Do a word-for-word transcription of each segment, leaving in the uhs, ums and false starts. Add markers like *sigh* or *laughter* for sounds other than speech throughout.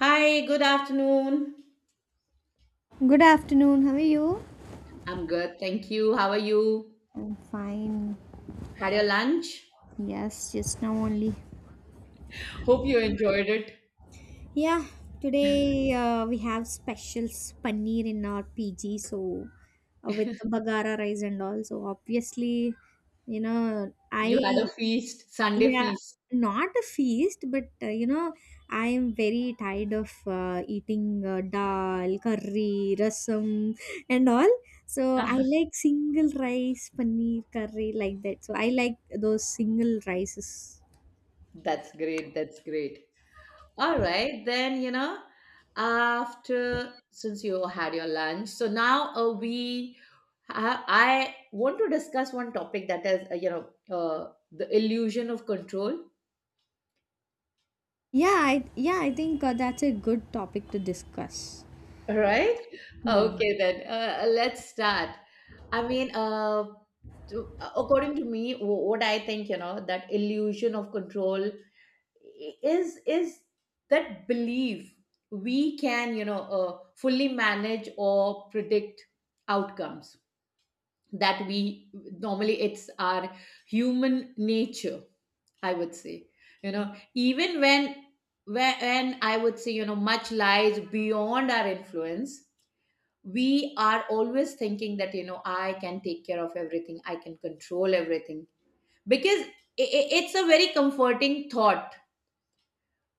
Hi, good afternoon. Good afternoon. How are you? I'm good, thank you. How are you? I'm fine. Had your lunch? Yes, just now only. Hope you enjoyed it. Yeah, today uh, we have specials paneer in our P G, so uh, with the bagara rice and all. So obviously, you know, You had I a feast, Sunday Yeah, feast. not a feast, but uh, you know, I am very tired of uh, eating uh, dal, curry, rasam, and all. So I like single rice, paneer curry, like that. So I like those single rices. *laughs* That's great, that's great. All right, then, you know, after since you had your lunch, so now uh, we I, I want to discuss one topic that is, uh, you know, uh, the illusion of control. Yeah, I, yeah, I think uh, that's a good topic to discuss. Right? Yeah. Okay, then. Uh, let's start. I mean, uh, to, uh, according to me, wh- what I think, you know, that illusion of control is is that belief we can, you know, uh, fully manage or predict outcomes that we normally it's our human nature, I would say. You know, even when when I would say, you know, much lies beyond our influence, we are always thinking that, you know, I can take care of everything, I can control everything, because i- i- it's a very comforting thought,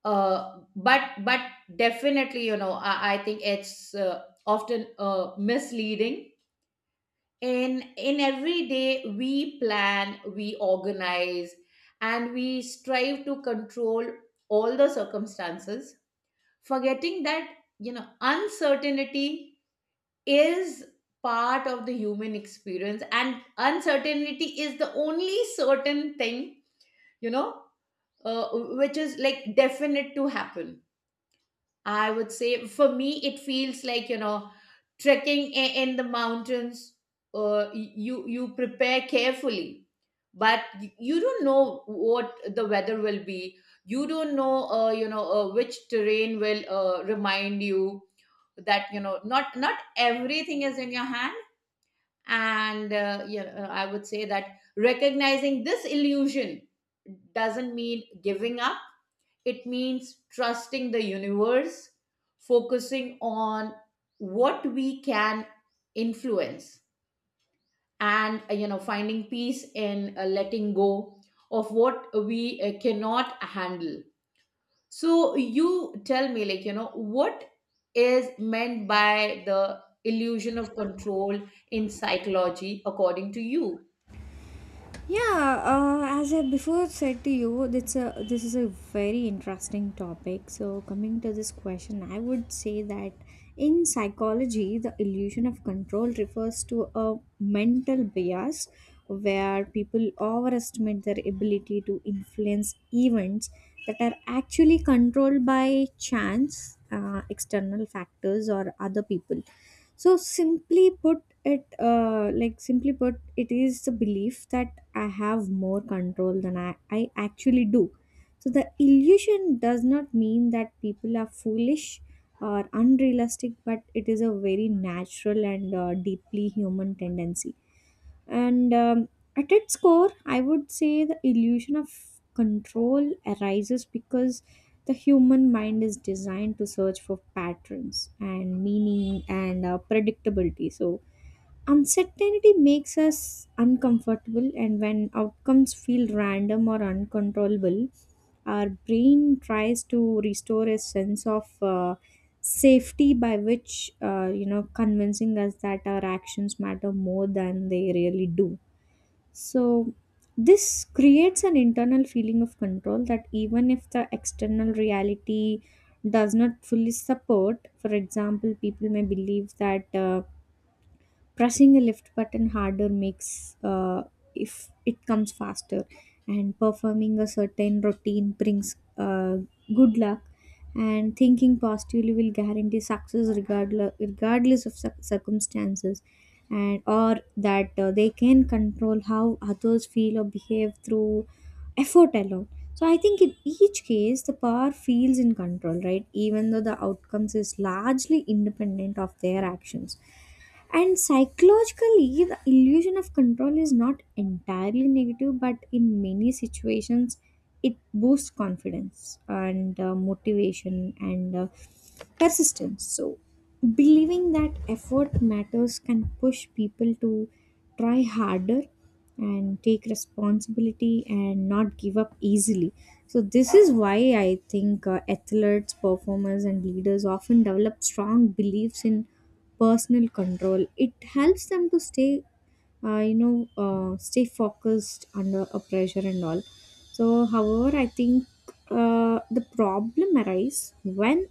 uh, but but definitely, you know, i, I think it's uh, often uh, misleading. In in every day we plan, we organize, and we strive to control all the circumstances, forgetting that, you know, uncertainty is part of the human experience, and uncertainty is the only certain thing, you know, uh, which is like definite to happen. I would say for me it feels like, you know, trekking i- in the mountains. uh, you you prepare carefully, but y- you don't know what the weather will be. You don't know, uh, you know uh, which terrain will uh, remind you that, you know, not not everything is in your hand. And uh, yeah, uh, I would say that recognizing this illusion doesn't mean giving up. It means trusting the universe, focusing on what we can influence, and, uh, you know, finding peace in uh, letting go of what we uh, cannot handle. So you tell me, like, you know, what is meant by the illusion of control in psychology, according to you? Yeah, uh, as I before said to you, that's a, this is a very interesting topic. So, coming to this question, I would say that in psychology, the illusion of control refers to a mental bias where people overestimate their ability to influence events that are actually controlled by chance, uh, external factors, or other people. So simply put it, uh, like simply put, it is the belief that I have more control than I, I actually do. So the illusion does not mean that people are foolish or unrealistic, but it is a very natural and uh, deeply human tendency. And um, At its core, I would say the illusion of control arises because the human mind is designed to search for patterns and meaning and uh, predictability. So uncertainty makes us uncomfortable, and when outcomes feel random or uncontrollable, our brain tries to restore a sense of uh, safety by which, uh, you know, convincing us that our actions matter more than they really do. So, this creates an internal feeling of control that even if the external reality does not fully support. For example, people may believe that. Uh, pressing a lift button harder makes uh, if it comes faster, and performing a certain routine brings uh, good luck, and thinking positively will guarantee success regardless, regardless of cir- circumstances, and or that uh, they can control how others feel or behave through effort alone. So I think in each case the power feels in control, right, even though the outcomes is largely independent of their actions. And psychologically, the illusion of control is not entirely negative, but in many situations, it boosts confidence and uh, motivation and uh, persistence. So, believing that effort matters can push people to try harder and take responsibility and not give up easily. So, this is why I think uh, athletes, performers, and leaders often develop strong beliefs in personal control. It helps them to stay, uh, you know, uh, stay focused under a pressure and all. So, however, I think uh, the problem arises when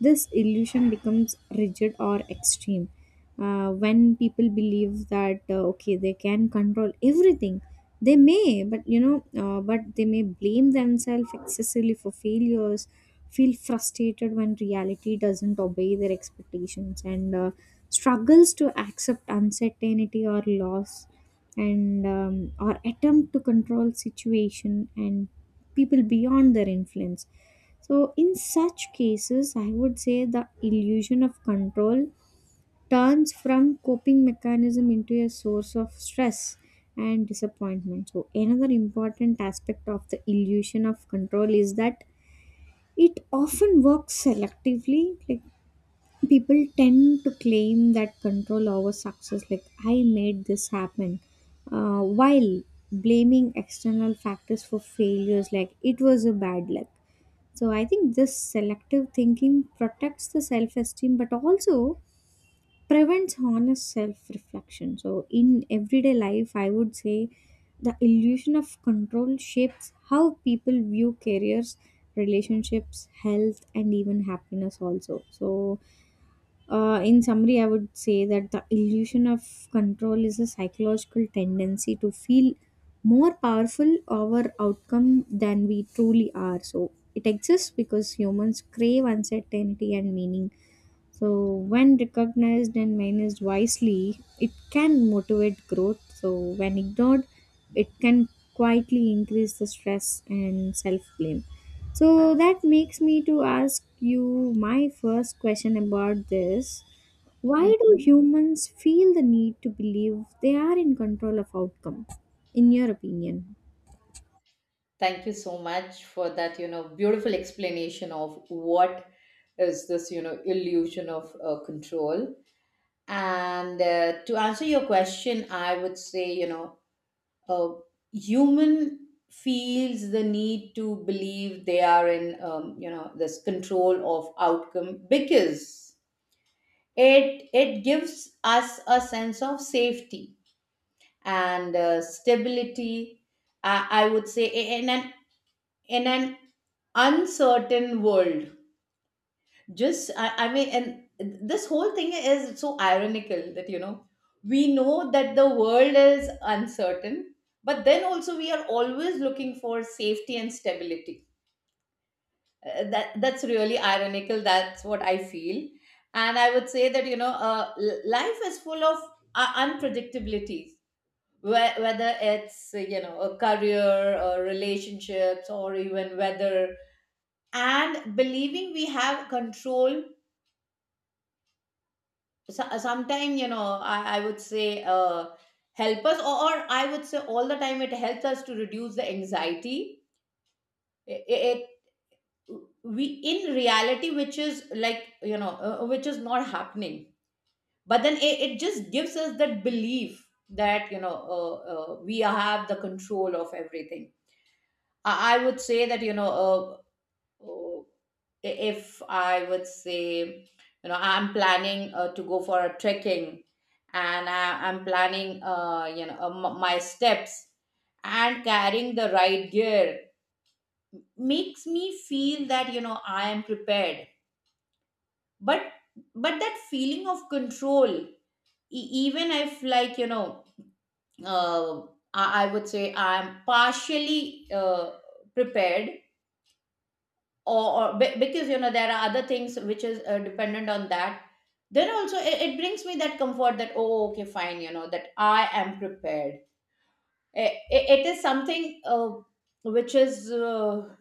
this illusion becomes rigid or extreme, uh, when people believe that uh, okay, they can control everything. They may, but you know, uh, but they may blame themselves excessively for failures, feel frustrated when reality doesn't obey their expectations, and uh, struggles to accept uncertainty or loss, and um, or attempt to control situation and people beyond their influence. So, in such cases, I would say the illusion of control turns from coping mechanism into a source of stress and disappointment. So, another important aspect of the illusion of control is that it often works selectively. Like, people tend to claim that control over success, like, I made this happen, uh, while blaming external factors for failures, like, it was a bad luck. So I think this selective thinking protects the self esteem but also prevents honest self reflection. So in everyday life, I would say the illusion of control shapes how people view careers, relationships, health, and even happiness also. So uh, in summary, I would say that the illusion of control is a psychological tendency to feel more powerful over outcome than we truly are. So it exists because humans crave uncertainty and meaning. So when recognized and managed wisely, it can motivate growth. So when ignored, it can quietly increase the stress and self blame. So that makes me to ask you my first question about this. Why do Mhm. humans feel the need to believe they are in control of outcome in your opinion? Thank you so much for that, you know, beautiful explanation of what is this, you know, illusion of uh, control. And uh, to answer your question, I would say, you know, uh, human feels the need to believe they are in, um, you know, this control of outcome because it it gives us a sense of safety and, uh, stability, I, I would say. And, and in an uncertain world. Just, I, I mean, and this whole thing is so ironical that, you know, we know that the world is uncertain, but then also we are always looking for safety and stability. Uh, that that's really ironical. That's what I feel. And I would say that, you know, uh, l- life is full of uh, unpredictabilities. Whe- Whether it's uh, you know, a career or relationships or even weather, and believing we have control, so, uh, sometime, you know, I, I would say uh, help us, or, or I would say all the time it helps us to reduce the anxiety. It, it we in reality, which is like, you know, uh, uh, which is not happening, but then it, it just gives us that belief that, you know, uh, uh, we have the control of everything. i, I would say that, you know, uh, oh, i- if I would say, you know, I'm planning uh, to go for a trekking, and I, I'm planning, uh, you know, uh, m- my steps, and carrying the right gear makes me feel that, you know, I am prepared. But but that feeling of control, e- even if, like, you know, uh, I, I would say I'm partially uh, prepared, or, or be- because, you know, there are other things which is uh, dependent on that, then also it, it brings me that comfort that, oh, okay, fine, you know, that I am prepared. I- I- it is something uh, which is, uh,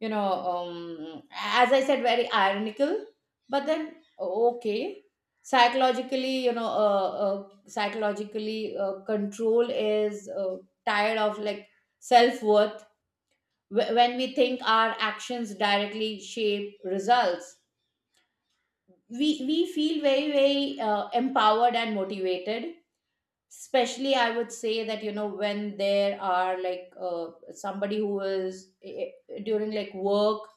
you know, um, as I said, very ironical. But then, oh, okay, psychologically, you know, uh, uh, psychologically, uh, control is uh, tired of like self-worth. Wh- when we think our actions directly shape results, we we feel very, very uh, empowered and motivated. Especially I would say that, you know, when there are like, uh, somebody who is eh, eh, during like work,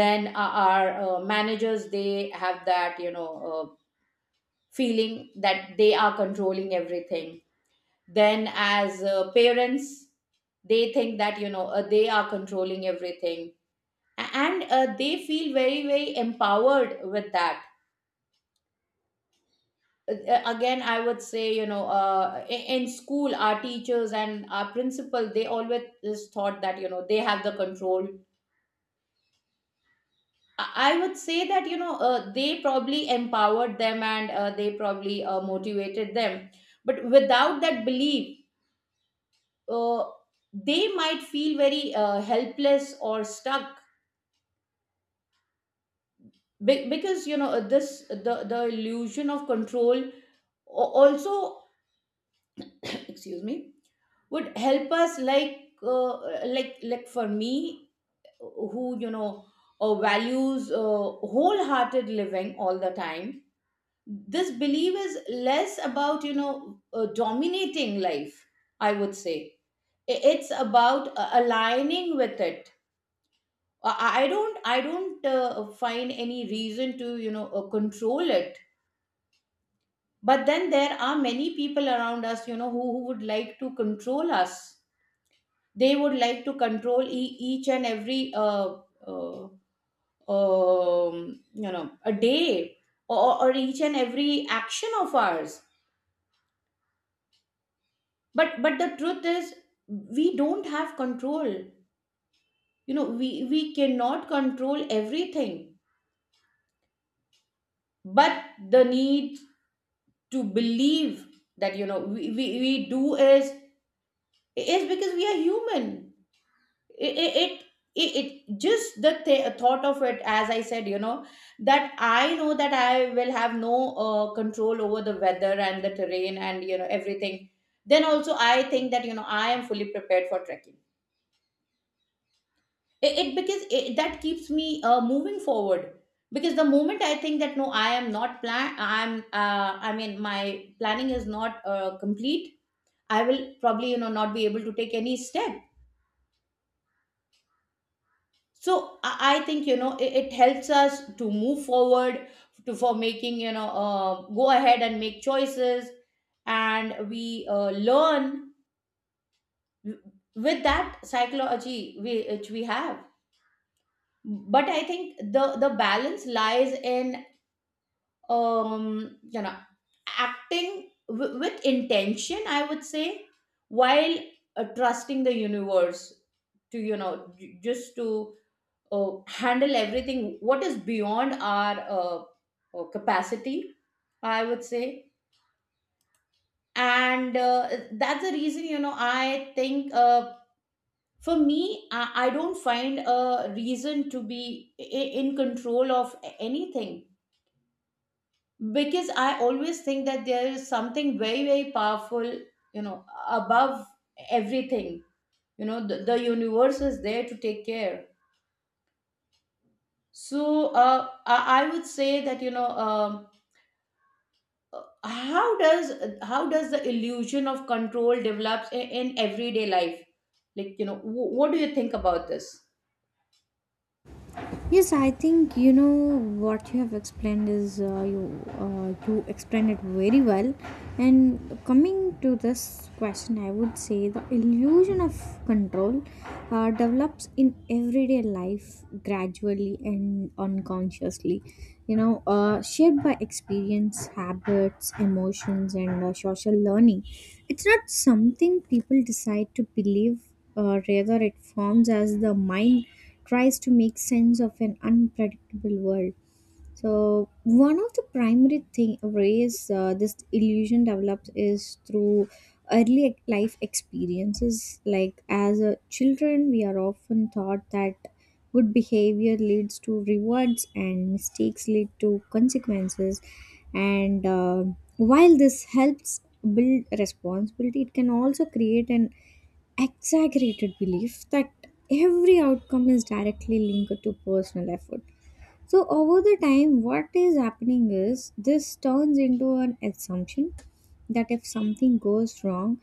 then our our, uh, managers, they have that, you know, uh, feeling that they are controlling everything. Then as uh, parents, they think that, you know, uh, they are controlling everything, and uh, they feel very, very empowered with that. Uh, uh, again, I would say, you know, uh, i- in school, our teachers and our principal, they always is thought that, you know, they have the control. i I would say that, you know, uh, they probably empowered them, and uh, they probably uh, motivated them, but without that belief, uh, they might feel very uh, helpless or stuck. Be- because, you know, this, the the illusion of control, al- also, excuse me, would help us like, uh, like like for me, who, you know, uh, values uh, wholehearted living all the time, this belief is less about, you know, uh, dominating life, I would say. I- it's about uh, aligning with it. I I don't i don't uh, find any reason to, you know, uh, control it. But then there are many people around us, you know, who, who would like to control us. They would like to control e- each and every, uh, uh, um, you know, a day, or, or each and every action of ours. but but the truth is we don't have control. You know, we we cannot control everything. But the need to believe that, you know, we, we, we do is is because we are human. it it, it, it it- just the th- thought of it, as I said, you know, that I know that I will have no uh, control over the weather and the terrain and, you know, everything, then also I think that, you know, I am fully prepared for trekking. It, it because it, that keeps me uh, moving forward, because the moment I think that, no, I am not plan I'm uh, I mean my planning is not uh, complete, I will probably, you know, not be able to take any step. So i, I think, you know, it, it helps us to move forward, to for making, you know, uh, go ahead and make choices, and we uh, learn with that psychology we, which we have. But I think the the balance lies in, um you know, acting w- with intention, I would say, while uh, trusting the universe to, you know, j- just to uh, handle everything what is beyond our uh, uh, capacity, I would say. And uh, that's the reason, you know, I think, uh, for me, I, I don't find a reason to be i- in control of anything, because I always think that there is something very, very powerful, you know, above everything. You know, the, the universe is there to take care. So uh, I, I would say that, you know, um how does how does the illusion of control develops in, in everyday life, like, you know, wh- what do you think about this? Yes, I think you know what you have explained is uh, you uh, you explained it very well. And coming to this question, I would say the illusion of control uh, develops in everyday life gradually and unconsciously. You know, uh, shaped by experience, habits, emotions, and uh, social learning. It's not something people decide to believe. Uh, rather, it forms as the mind tries to make sense of an unpredictable world. So one of the primary thing ways uh, this illusion develops is through early ex- life experiences. Like as a children, we are often taught that good behavior leads to rewards and mistakes lead to consequences. And uh, while this helps build responsibility, it can also create an exaggerated belief that every outcome is directly linked to personal effort. So over the time, what is happening is this turns into an assumption that if something goes wrong,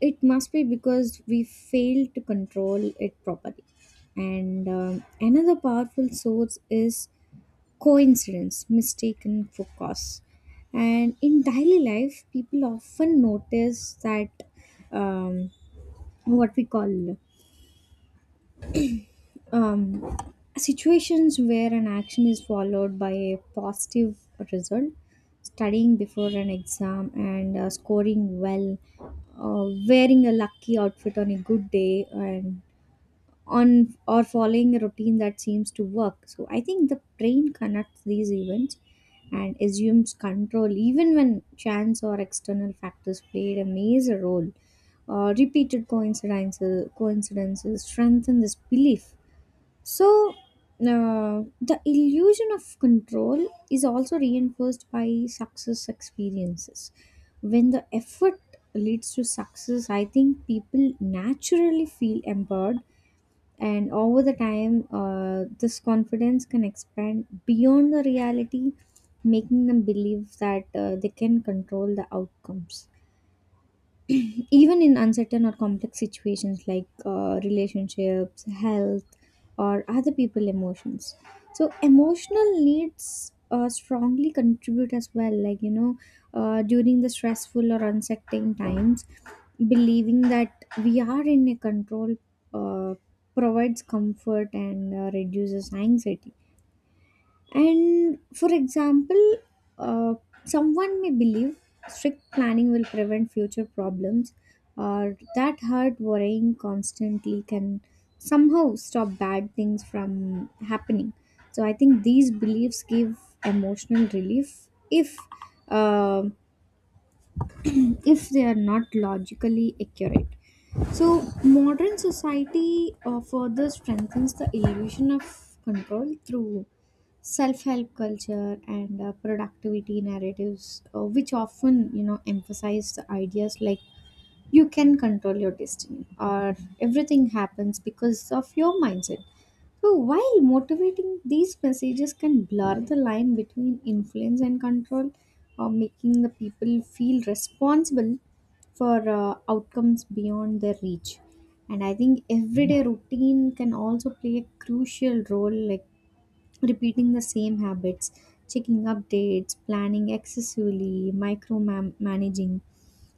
it must be because we failed to control it properly. And um, Another powerful source is coincidence, mistaken for cause. And in daily life, people often notice that um, what we call um, situations where an action is followed by a positive result, studying before an exam and uh, scoring well, uh, wearing a lucky outfit on a good day, and on or following a routine that seems to work. So I think the brain connects these events and assumes control even when chance or external factors played a major role. Uh, repeated coincidences coincidences strengthen this belief. So, uh, the illusion of control is also reinforced by success experiences. When the effort leads to success, I think people naturally feel empowered, and over the time, uh, this confidence can expand beyond the reality, making them believe that uh, they can control the outcomes even in uncertain or complex situations like uh, relationships, health, or other people emotions. So emotional needs uh, strongly contribute as well. Like you know, uh, during the stressful or uncertain times, believing that we are in a control uh, provides comfort and uh, reduces anxiety. And for example, uh, someone may believe strict planning will prevent future problems, or that hard worrying constantly can somehow stop bad things from happening. So I think these beliefs give emotional relief if. um if they are not logically accurate. So, modern society uh, further strengthens the illusion of control through self help culture and uh, productivity narratives, uh, which often, you know, emphasize the ideas like you can control your destiny or everything happens because of your mindset. So while motivating, these messages can blur the line between influence and control, or making the people feel responsible for uh, outcomes beyond their reach. And I think everyday routine can also play a crucial role, like repeating the same habits, checking updates, planning excessively, micromanaging.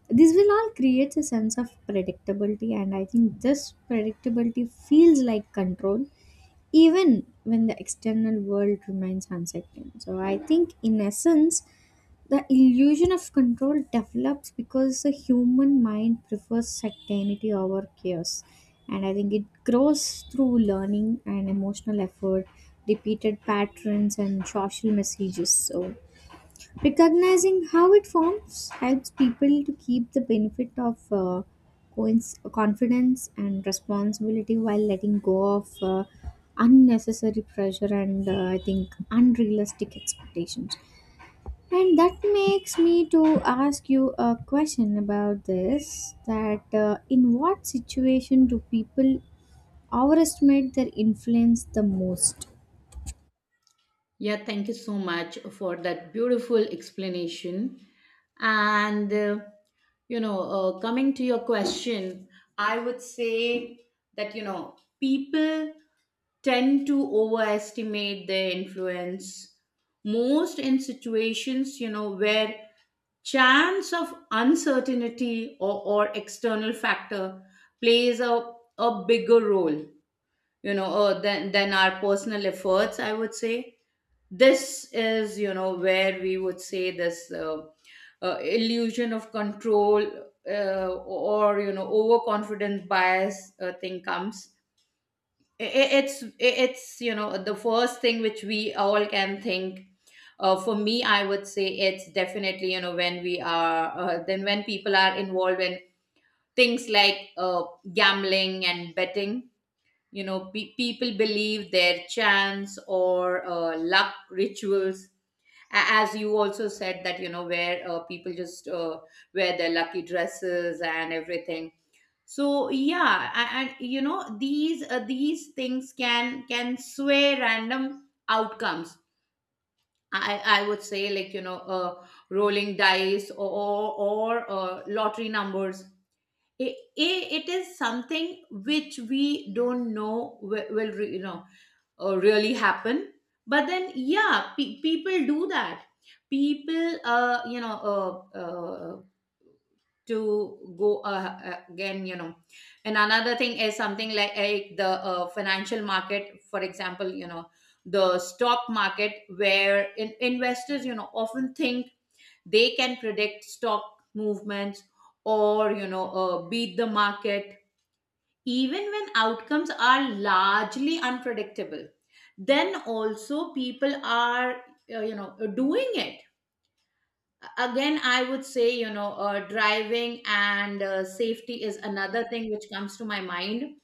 This will all create a sense of predictability, and I think this predictability feels like control even when the external world remains uncertain. So I think in essence, the illusion of control develops because the human mind prefers certainty over chaos. And I think it grows through learning and emotional effort, repeated patterns, and social messages. So recognizing how it forms helps people to keep the benefit of uh, coinc- confidence and responsibility while letting go of uh, unnecessary pressure and uh, I think unrealistic expectations. And that makes me to ask you a question about this that uh, in what situation do people overestimate their influence the most? Yeah, thank you so much for that beautiful explanation. And, uh, you know, uh, coming to your question, I would say that, you know, people tend to overestimate their influence most in situations, you know, where chance of uncertainty, or, or external factor plays a, a bigger role, you know, uh, than, than our personal efforts, I would say. This is, you know, where we would say this, uh, uh, illusion of control, uh, or, you know, overconfidence bias, uh, thing comes. I- it's it's you know, the first thing which we all can think. Uh, for me, I would say it's definitely, you know, when we are uh, then when people are involved in things like, uh, gambling and betting, you know, pe- people believe their chance or uh, luck rituals. A- as you also said that, you know, where uh, people just uh, wear their lucky dresses and everything. So yeah, a- and, you know, these uh, these things can can sway random outcomes. I i would say, like, you know, uh, rolling dice or or, or uh, lottery numbers. It, it it is something which we don't know will, will re- you know, uh, really happen. But then, yeah, pe- people do that. People uh, you know uh, uh, to go uh, uh, again you know And another thing is something like, like the uh, financial market, for example, you know, the stock market, where in, investors, you know, often think they can predict stock movements, or, you know, uh, beat the market, even when outcomes are largely unpredictable. Then also people are, uh, you know, doing it. Again, I would say, you know, uh, driving and uh, safety is another thing which comes to my mind,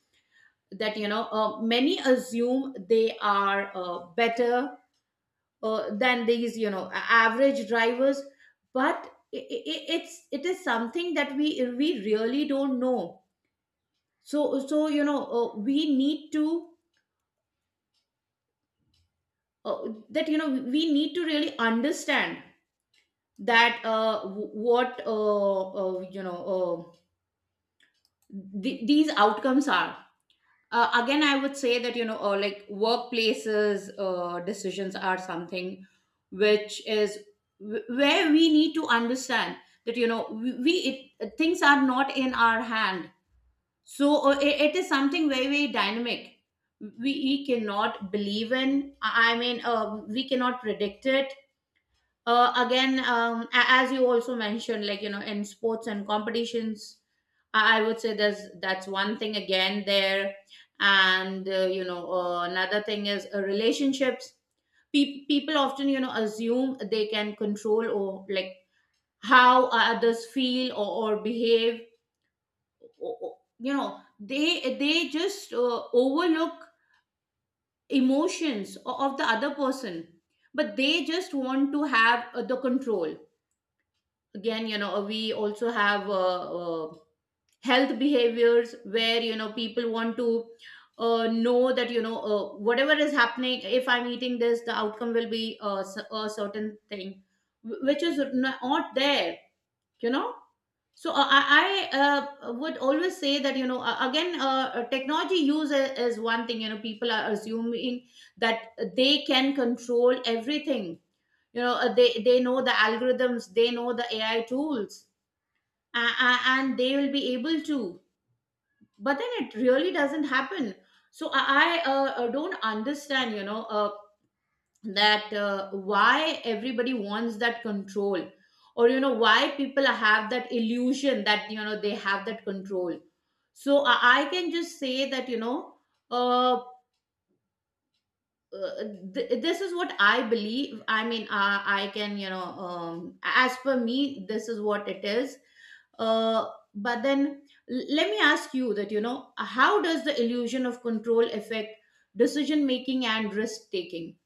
that, you know, uh, many assume they are uh, better uh, than these you know a- average drivers, but i i it's it is something that we we really don't know. So so you know uh, we need to uh, that you know we need to really understand that uh, w- what uh, uh, you know Uh, th- these outcomes are. Uh, again, I would say that you know uh, like workplaces, uh, decisions are something which is wh- where we need to understand that, you know we, we it, things are not in our hand. So uh, it, it is something very, very dynamic. We, we cannot believe in. i I mean, uh, we cannot predict it. Uh, again, um, a- as you also mentioned, like, you know in sports and competitions. I, I would say there's that's one thing again there. And uh, you know uh, another thing is uh, relationships. Pe- people often you know assume they can control, or like, how others feel or, or behave, or, or, you know they they just uh, overlook emotions o- of the other person, but they just want to have uh, the control. Again, you know we also have uh, uh, health behaviors, where you know people want to uh, know that, you know uh, whatever is happening, if I'm eating this, the outcome will be uh, s- a certain thing, wh- which is not there you know so uh, i i uh, would always say that, you know uh, again uh, uh, technology use i- is one thing. You know people are assuming that they can control everything. you know uh, they they know the algorithms. They know the A I tools, a- a- and they will be able to, but then it really doesn't happen. So i, I uh, uh, don't understand, you know uh, that uh, why everybody wants that control, or you know why people have that illusion that, you know they have that control. So i, I can just say that, you know uh, uh, th- this is what I believe. I mean uh, I can you know um, as per me, this is what it is. uh, but then, l- let me ask you that, you know how does the illusion of control affect decision making and risk taking?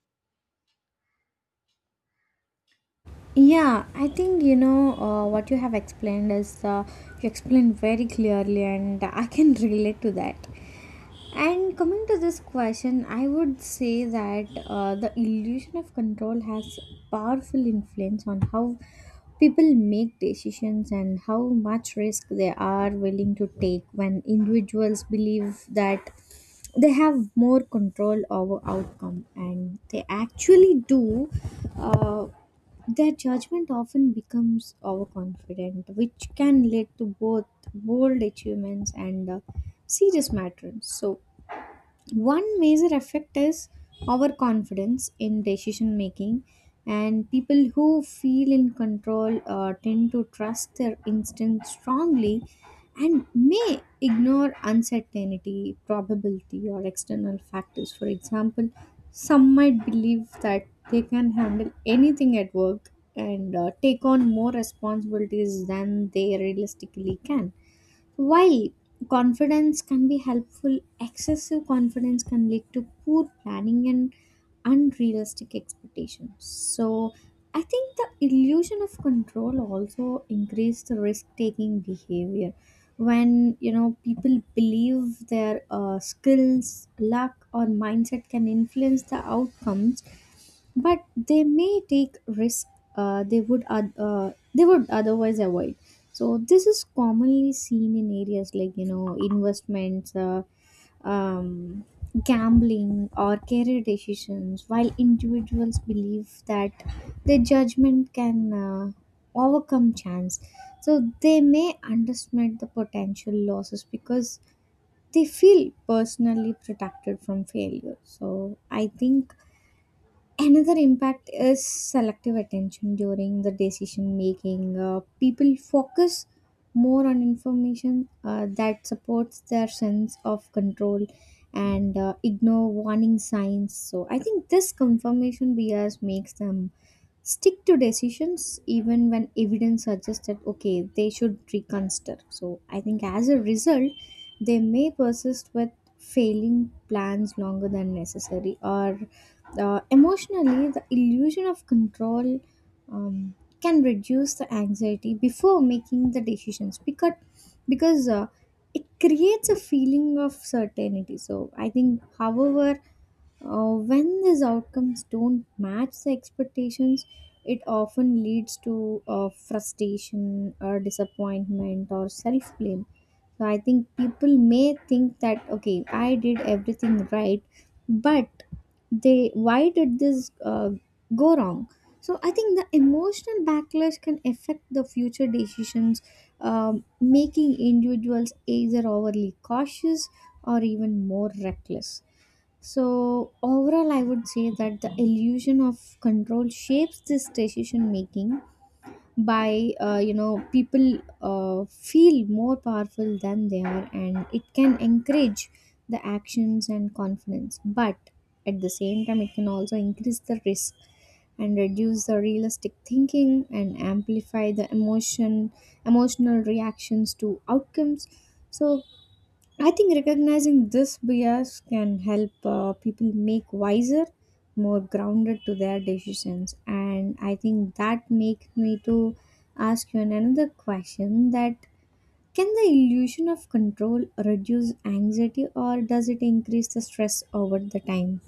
Yeah, I think you know uh, what you have explained is uh, you explained very clearly, and I can *laughs* relate to that. And coming to this question, I would say that uh, the illusion of control has powerful influence on how people make decisions and how much risk they are willing to take. When individuals believe that they have more control over outcome and they actually do, uh, their judgment often becomes overconfident, which can lead to both bold achievements and uh, serious matters. So one major effect is our confidence in decision making, and people who feel in control uh, tend to trust their instincts strongly and may ignore uncertainty, probability, or external factors. For example, some might believe that they can handle anything at work and uh, take on more responsibilities than they realistically can. While confidence can be helpful, excessive confidence can lead to poor planning and unrealistic expectations. So, I think the illusion of control also increases the risk-taking behavior. When you know people believe their uh, skills, luck, or mindset can influence the outcomes, but they may take risks uh, they would oth- uh, they would otherwise avoid. So this is commonly seen in areas like you know investments, uh, um, gambling or career decisions, while individuals believe that their judgment can uh, overcome chance, so they may underestimate the potential losses because they feel personally protected from failure. So I think another impact is selective attention during the decision making. Uh, people focus more on information uh, that supports their sense of control and uh, ignore warning signs. So, I think this confirmation bias makes them stick to decisions even when evidence suggests that okay, they should reconsider. So I think as a result they may persist with failing plans longer than necessary. Or uh, emotionally, the illusion of control um, can reduce the anxiety before making the decisions, because because uh, it creates a feeling of certainty. So I think however, uh, when these outcomes don't match the expectations, it often leads to uh, frustration or disappointment or self blame. So I think people may think that okay, I did everything right, but they why did this uh, go wrong? So I think the emotional backlash can affect the future decisions, um, making individuals either overly cautious or even more reckless. So, overall, I would say that the illusion of control shapes this decision making by, uh, you know, people uh, feel more powerful than they are, and it can encourage the actions and confidence. But at the same time, it can also increase the risk and reduce the realistic thinking and amplify the emotion emotional reactions to outcomes. So I think recognizing this bias can help uh, people make wiser, more grounded to their decisions. And I think that makes me to ask you another question, that can the illusion of control reduce anxiety or does it increase the stress over the time?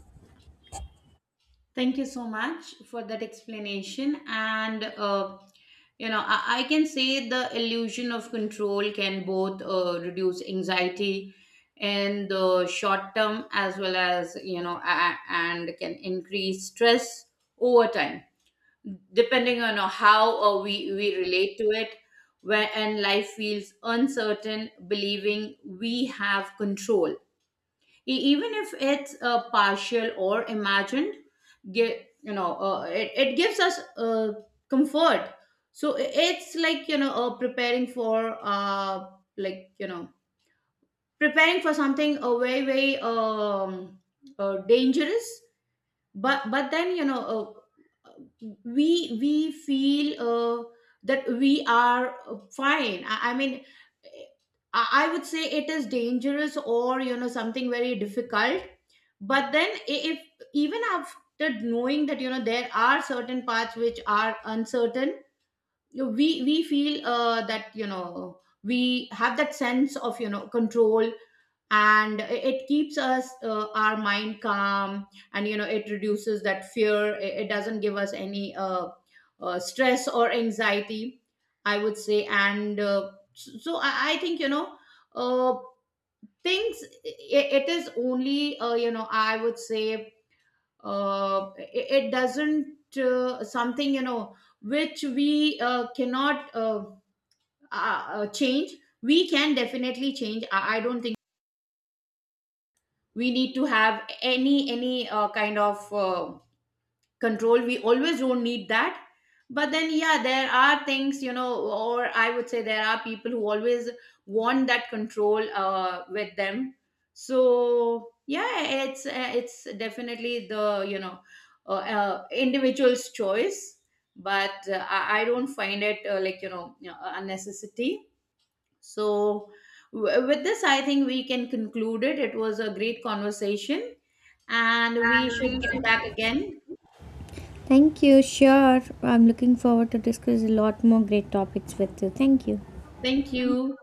Thank you so much for that explanation. And, uh, you know, I, I can say the illusion of control can both uh, reduce anxiety in the short term, as well as, you know, a- and can increase stress over time, depending on how uh, we, we relate to it. When life feels uncertain, believing we have control, E- even if it's uh, partial or imagined, gi- you know uh, it, it gives us uh, comfort. So i- it's like, you know uh, preparing for, uh, like you know preparing for something uh, very, very um, uh, dangerous. But but then, you know uh, we we feel uh, that we are uh, fine. i, I mean, eh, I, I would say it is dangerous, or you know something very difficult. But then, i- if even after knowing that, you know there are certain parts which are uncertain, you know, we we feel uh, that, you know we have that sense of, you know control, and it keeps us uh, our mind calm, and, you know it reduces that fear. It, it doesn't give us any uh, uh, stress or anxiety, I would say. And uh, so so I, I think, you know uh, things it, it is only, uh, you know I would say, uh, it, it doesn't, uh, something, you know which we uh, cannot, uh, uh, uh, change. We can definitely change. I, I don't think we need to have any any uh, kind of uh, control. We always don't need that. But then, yeah, there are things, you know or I would say there are people who always want that control uh, with them. So yeah, it's uh, it's definitely the, you know uh, uh, individual's choice. But uh, I, I don't find it uh, like, you know uh, a necessity. So, w- with this, I think we can conclude it. It was a great conversation, and we And should we get should— back again. thank you. Sure. I'm looking forward to discuss a lot more great topics with you. Thank you. Thank you.